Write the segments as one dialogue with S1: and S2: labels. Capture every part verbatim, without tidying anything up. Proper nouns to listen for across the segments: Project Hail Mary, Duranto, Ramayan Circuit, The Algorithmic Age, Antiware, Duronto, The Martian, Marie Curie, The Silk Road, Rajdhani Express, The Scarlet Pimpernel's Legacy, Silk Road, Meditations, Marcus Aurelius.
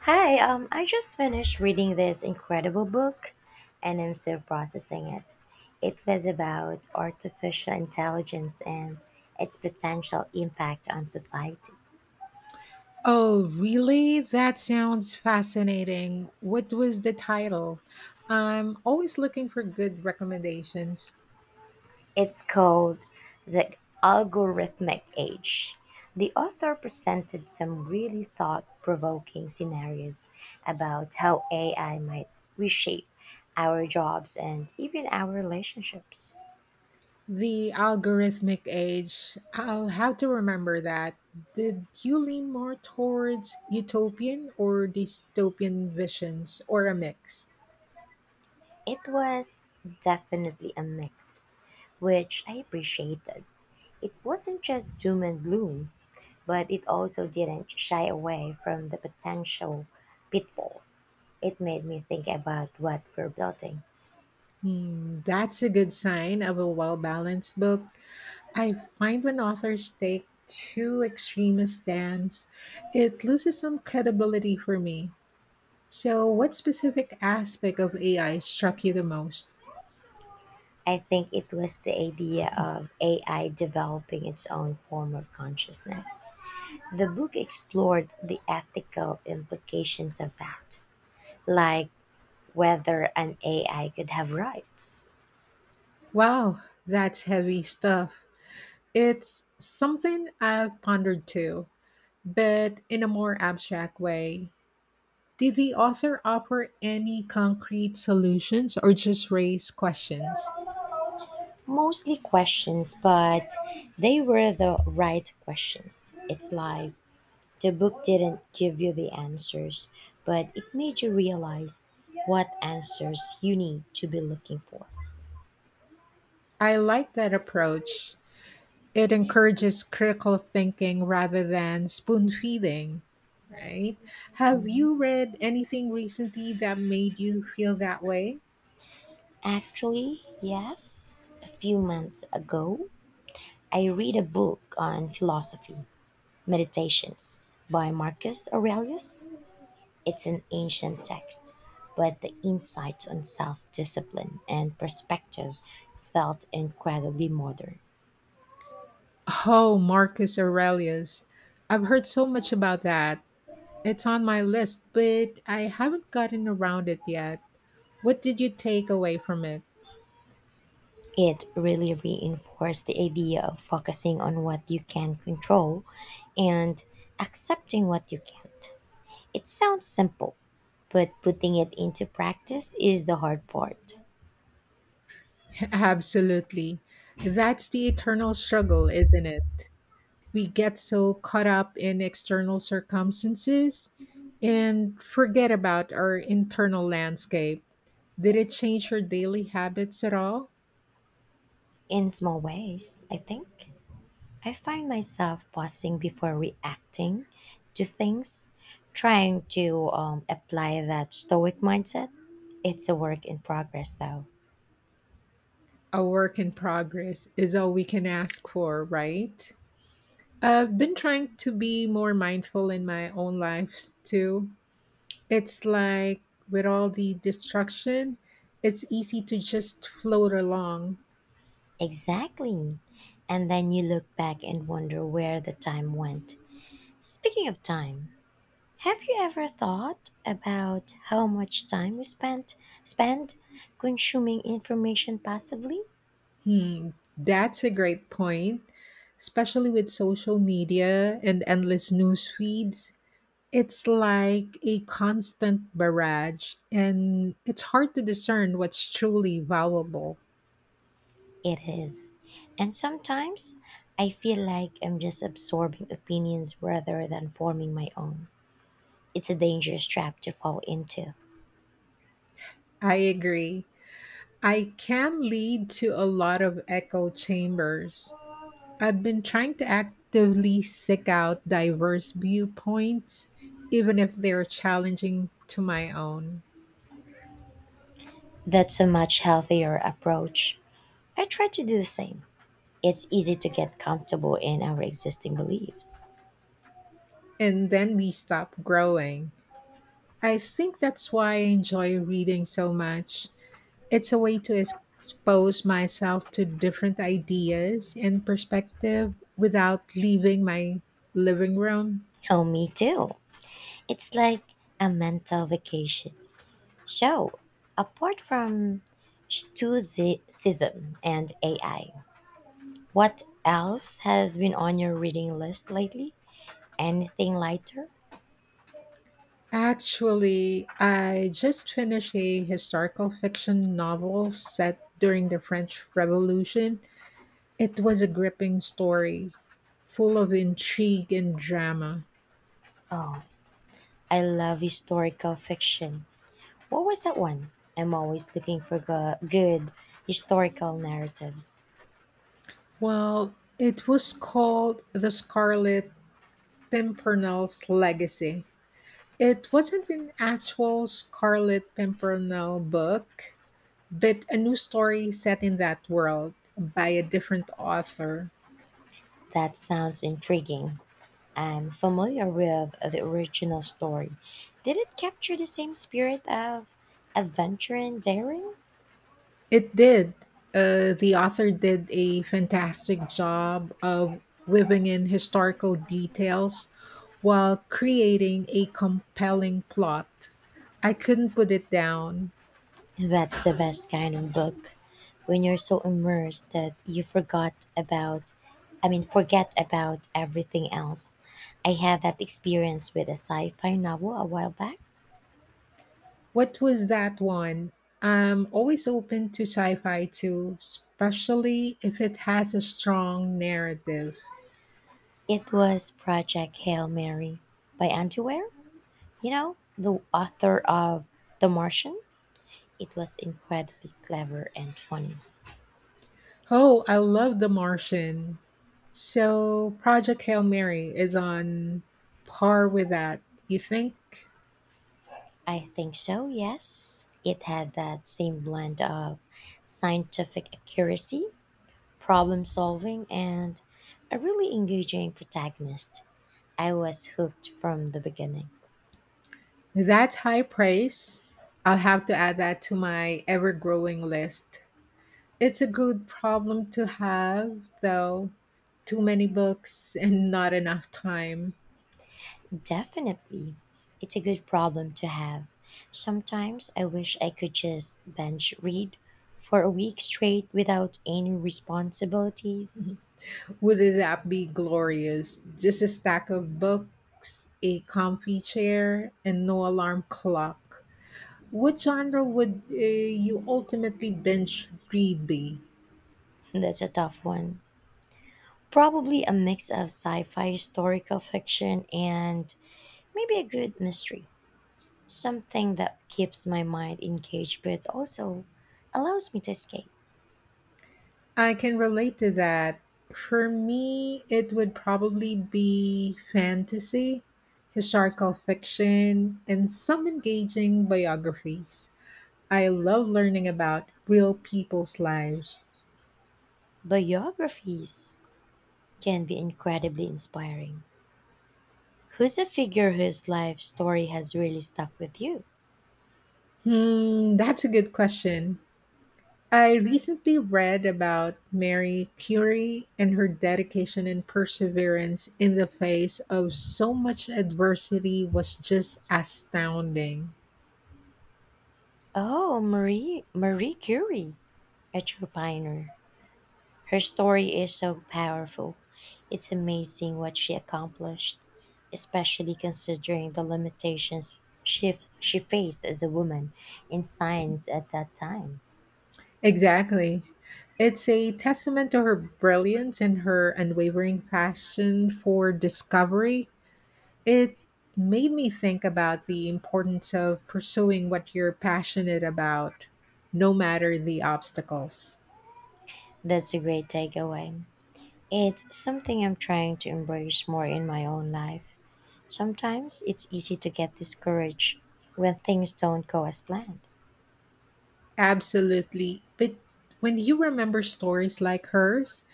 S1: Hi, um, I just finished reading this incredible book and I'm still processing it. It was about artificial intelligence and its potential impact on society.
S2: Oh, really? That sounds fascinating. What was the title? I'm always looking for good recommendations.
S1: It's called The Algorithmic Age. The author presented some really thought provoking scenarios about how A I might reshape our jobs and even our relationships.
S2: The Algorithmic Age. I'll have to remember that. Did you lean more towards utopian or dystopian visions or a mix?
S1: It was definitely a mix, which I appreciated. It wasn't just doom and gloom, but it also didn't shy away from the potential pitfalls. It made me think about what we're building.
S2: Hmm, that's a good sign of a well balanced book. I find when authors take too extreme a stance, it loses some credibility for me. So, what specific aspect of A I struck you the most?
S1: I think it was the idea of A I developing its own form of consciousness. The book explored the ethical implications of that, like whether an A I could have rights.
S2: Wow, that's heavy stuff. It's something I've pondered too, but in a more abstract way. Did the author offer any concrete solutions or just raise questions?
S1: Mostly questions, but they were the right questions. It's like the book didn't give you the answers, but it made you realize what answers you need to be looking for.
S2: I like that approach. It encourages critical thinking rather than spoon feeding, right? Have you read anything recently that made you feel that way?
S1: Actually, yes, a few months ago, I read a book on philosophy, Meditations by Marcus Aurelius. It's an ancient text, but the insight on self discipline and perspective felt incredibly modern.
S2: Oh, Marcus Aurelius. I've heard so much about that. It's on my list, but I haven't gotten around it yet. What did you take away from it?
S1: It really reinforced the idea of focusing on what you can control and accepting what you can't. It sounds simple, but putting it into practice is the hard part.
S2: Absolutely. That's the eternal struggle, isn't it? We get so caught up in external circumstances and forget about our internal landscape. Did it change your daily habits at all?
S1: In small ways, I think. I find myself pausing before reacting to things, trying to um, apply that stoic mindset. It's a work in progress, though.
S2: A work in progress is all we can ask for, right? I've been trying to be more mindful in my own life too. It's like with all the distraction, it's easy to just float along.
S1: Exactly. And then you look back and wonder where the time went. Speaking of time, have you ever thought about how much time we spent spend consuming information passively?
S2: Hmm, that's a great point, especially with social media and endless news feeds. It's like a constant barrage, and it's hard to discern what's truly valuable.
S1: It is. And sometimes I feel like I'm just absorbing opinions rather than forming my own. It's a dangerous trap to fall into.
S2: I agree. I can lead to a lot of echo chambers. I've been trying to actively seek out diverse viewpoints, even if they're challenging to my own,
S1: That's a much healthier approach. I try to do the same. It's easy to get comfortable in our existing beliefs.
S2: and then we stop growing. I think that's why I enjoy reading so much. It's a way to expose myself to different ideas and perspective without leaving my living room.
S1: Oh, me too. It's like a mental vacation. So, apart from Stoicism and A I, what else has been on your reading list lately? Anything lighter?
S2: Actually, I just finished a historical fiction novel set during the French Revolution. It was a gripping story, full of intrigue and drama.
S1: Oh, I love historical fiction. What was that one? I'm always looking for go- good historical narratives.
S2: Well, it was called The Scarlet Pimpernel's Legacy. It wasn't an actual Scarlet Pimpernel book, but a new story set in that world by a different author.
S1: That sounds intriguing. I'm familiar with the original story. Did it capture the same spirit of adventure and daring?
S2: It did. Uh, the author did a fantastic job of weaving in historical details while creating a compelling plot. I couldn't put it down.
S1: That's the best kind of book. When you're so immersed that you forgot about I mean forget about everything else. I had that experience with a sci-fi novel a while back.
S2: What was that one? I'm always open to sci-fi too, especially if it has a strong narrative.
S1: It was Project Hail Mary by Antiware. You know, the author of The Martian. It was incredibly clever and funny.
S2: Oh, I love The Martian. So, Project Hail Mary is on par with that. You think
S1: I think so, yes. It had that same blend of scientific accuracy problem solving, and a really engaging protagonist. I was hooked from the beginning.
S2: that's high praise? I'll have to add that to my ever-growing list. It's a good problem to have, though. Too many books and not enough time.
S1: Definitely, it's a good problem to have. Sometimes I wish I could just binge read for a week straight without any responsibilities.
S2: Would that be glorious? Just a stack of books, a comfy chair, and no alarm clock. What genre would uh, you ultimately binge read be?
S1: That's a tough one. Probably a mix of sci fi historical fiction and maybe a good mystery. Something that keeps my mind engaged but also allows me to escape.
S2: I can relate to that. For me, it would probably be fantasy, historical fiction, and some engaging biographies. I love learning about real people's lives.
S1: Biographies can be incredibly inspiring. Who's a figure whose life story has really stuck with you?
S2: Hmm, that's a good question. I recently read about Marie Curie, and her dedication and perseverance in the face of so much adversity was just astounding.
S1: Oh, Marie Marie Curie, a true pioneer. Her story is so powerful. It's amazing what she accomplished, especially considering the limitations she, she faced as a woman in science at that time.
S2: Exactly. It's a testament to her brilliance and her unwavering passion for discovery. It made me think about the importance of pursuing what you're passionate about, no matter the obstacles.
S1: That's a great takeaway. It's something I'm trying to embrace more in my own life. Sometimes it's easy to get discouraged when things don't go as planned.
S2: Absolutely. But when you remember stories like hers,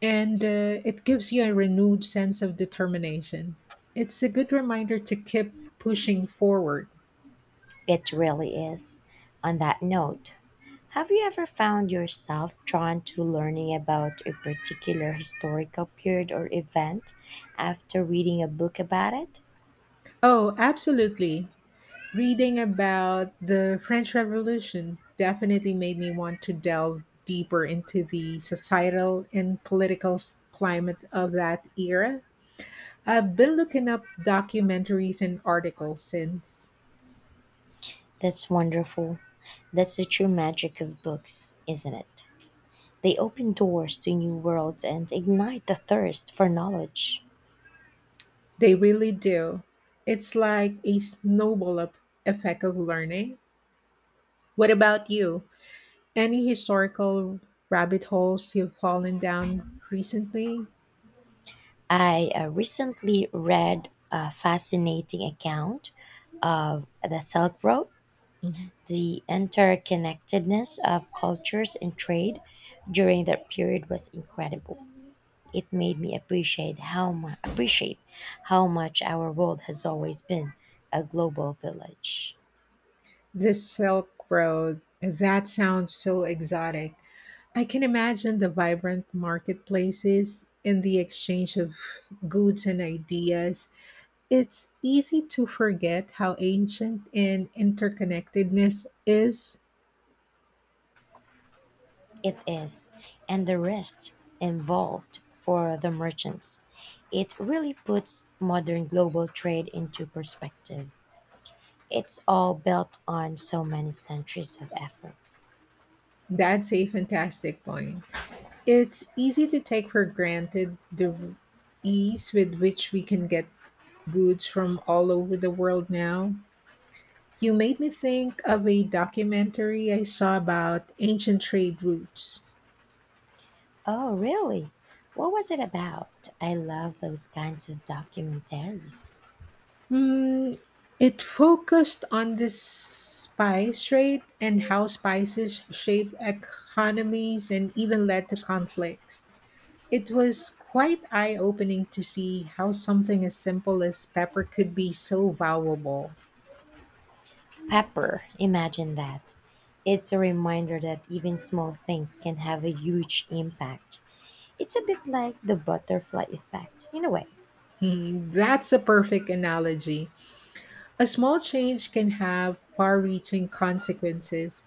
S2: and uh, it gives you a renewed sense of determination, it's a good reminder to keep pushing forward.
S1: It really is. On that note, have you ever found yourself drawn to learning about a particular historical period or event after reading a book about it?
S2: Oh, absolutely. Reading about the French Revolution definitely made me want to delve deeper into the societal and political s- climate of that era. I've been looking up documentaries and articles since.
S1: That's wonderful. That's the true magic of books, isn't it? They open doors to new worlds and ignite the thirst for knowledge.
S2: They really do. It's like a snowball up effect of learning. What about you? Any historical rabbit holes you've fallen down recently?
S1: I uh, recently read a fascinating account of the Silk Road,
S2: Mhm.
S1: the interconnectedness of cultures and trade during that period was incredible. It made me appreciate how mu- appreciate how much our world has always been a global village.
S2: The Silk Road. That sounds so exotic. I can imagine the vibrant marketplaces and the exchange of goods and ideas. It's easy to forget how ancient and interconnectedness is.
S1: It is, and the risk involved for the merchants. It really puts modern global trade into perspective. It's all built on so many centuries of effort.
S2: That's a fantastic point. It's easy to take for granted the ease with which we can get goods from all over the world now. You made me think of a documentary I saw about ancient trade routes.
S1: Oh, really? What was it about? I love those kinds of documentaries.
S2: Hmm, it focused on the spice trade and how spices shaped economies and even led to conflicts. It was quite eye opening to see how something as simple as pepper could be so valuable.
S1: Pepper, imagine that. It's a reminder that even small things can have a huge impact. It's a bit like the butterfly effect, in a way.
S2: Hmm, that's a perfect analogy. A small change can have far reaching consequences.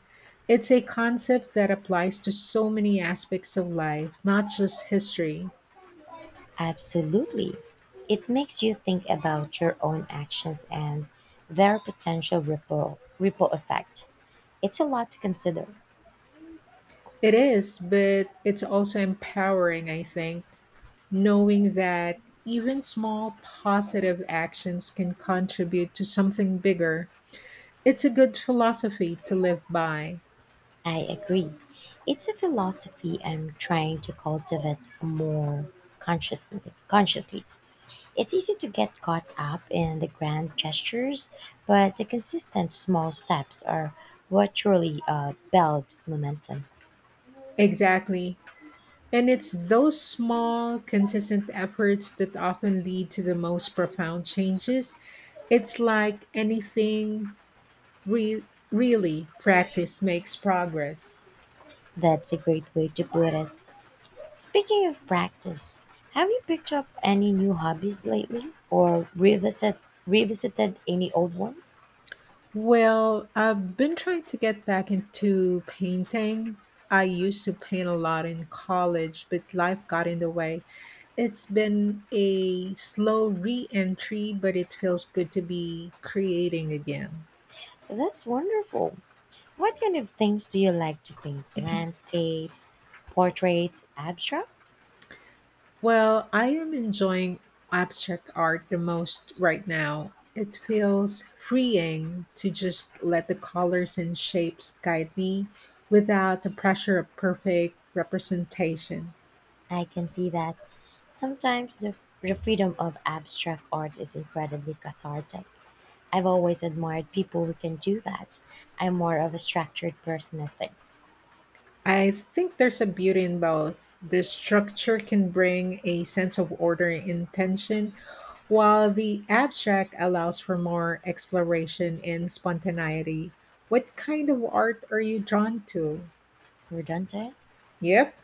S2: It's a concept that applies to so many aspects of life, not just history.
S1: Absolutely. It makes you think about your own actions and their potential ripple, ripple effect. It's a lot to consider.
S2: It is, but it's also empowering, I think, knowing that even small positive actions can contribute to something bigger. It's a good philosophy to live by.
S1: I agree. It's a philosophy I'm trying to cultivate more consciously. Consciously, it's easy to get caught up in the grand gestures, but the consistent small steps are what truly uh, build momentum.
S2: Exactly. And it's those small, consistent efforts that often lead to the most profound changes. It's like anything re- really, practice makes progress.
S1: That's a great way to put it. Speaking of practice, have you picked up any new hobbies lately, or revisit revisited any old ones?
S2: Well, I've been trying to get back into painting. I used to paint a lot in college, but life got in the way. It's been a slow re entry, but it feels good to be creating again.
S1: That's wonderful. What kind of things do you like to paint? Landscapes, portraits, abstract?
S2: Well, I am enjoying abstract art the most right now. It feels freeing to just let the colors and shapes guide me without the pressure of perfect representation.
S1: I can see that sometimes the, the freedom of abstract art is incredibly cathartic. I've always admired people who can do that. I'm more of a structured person, I think.
S2: I think there's a beauty in both. The structure can bring a sense of order and intention, while the abstract allows for more exploration and spontaneity. What kind of art are you drawn to?
S1: Redundant?
S2: Yep.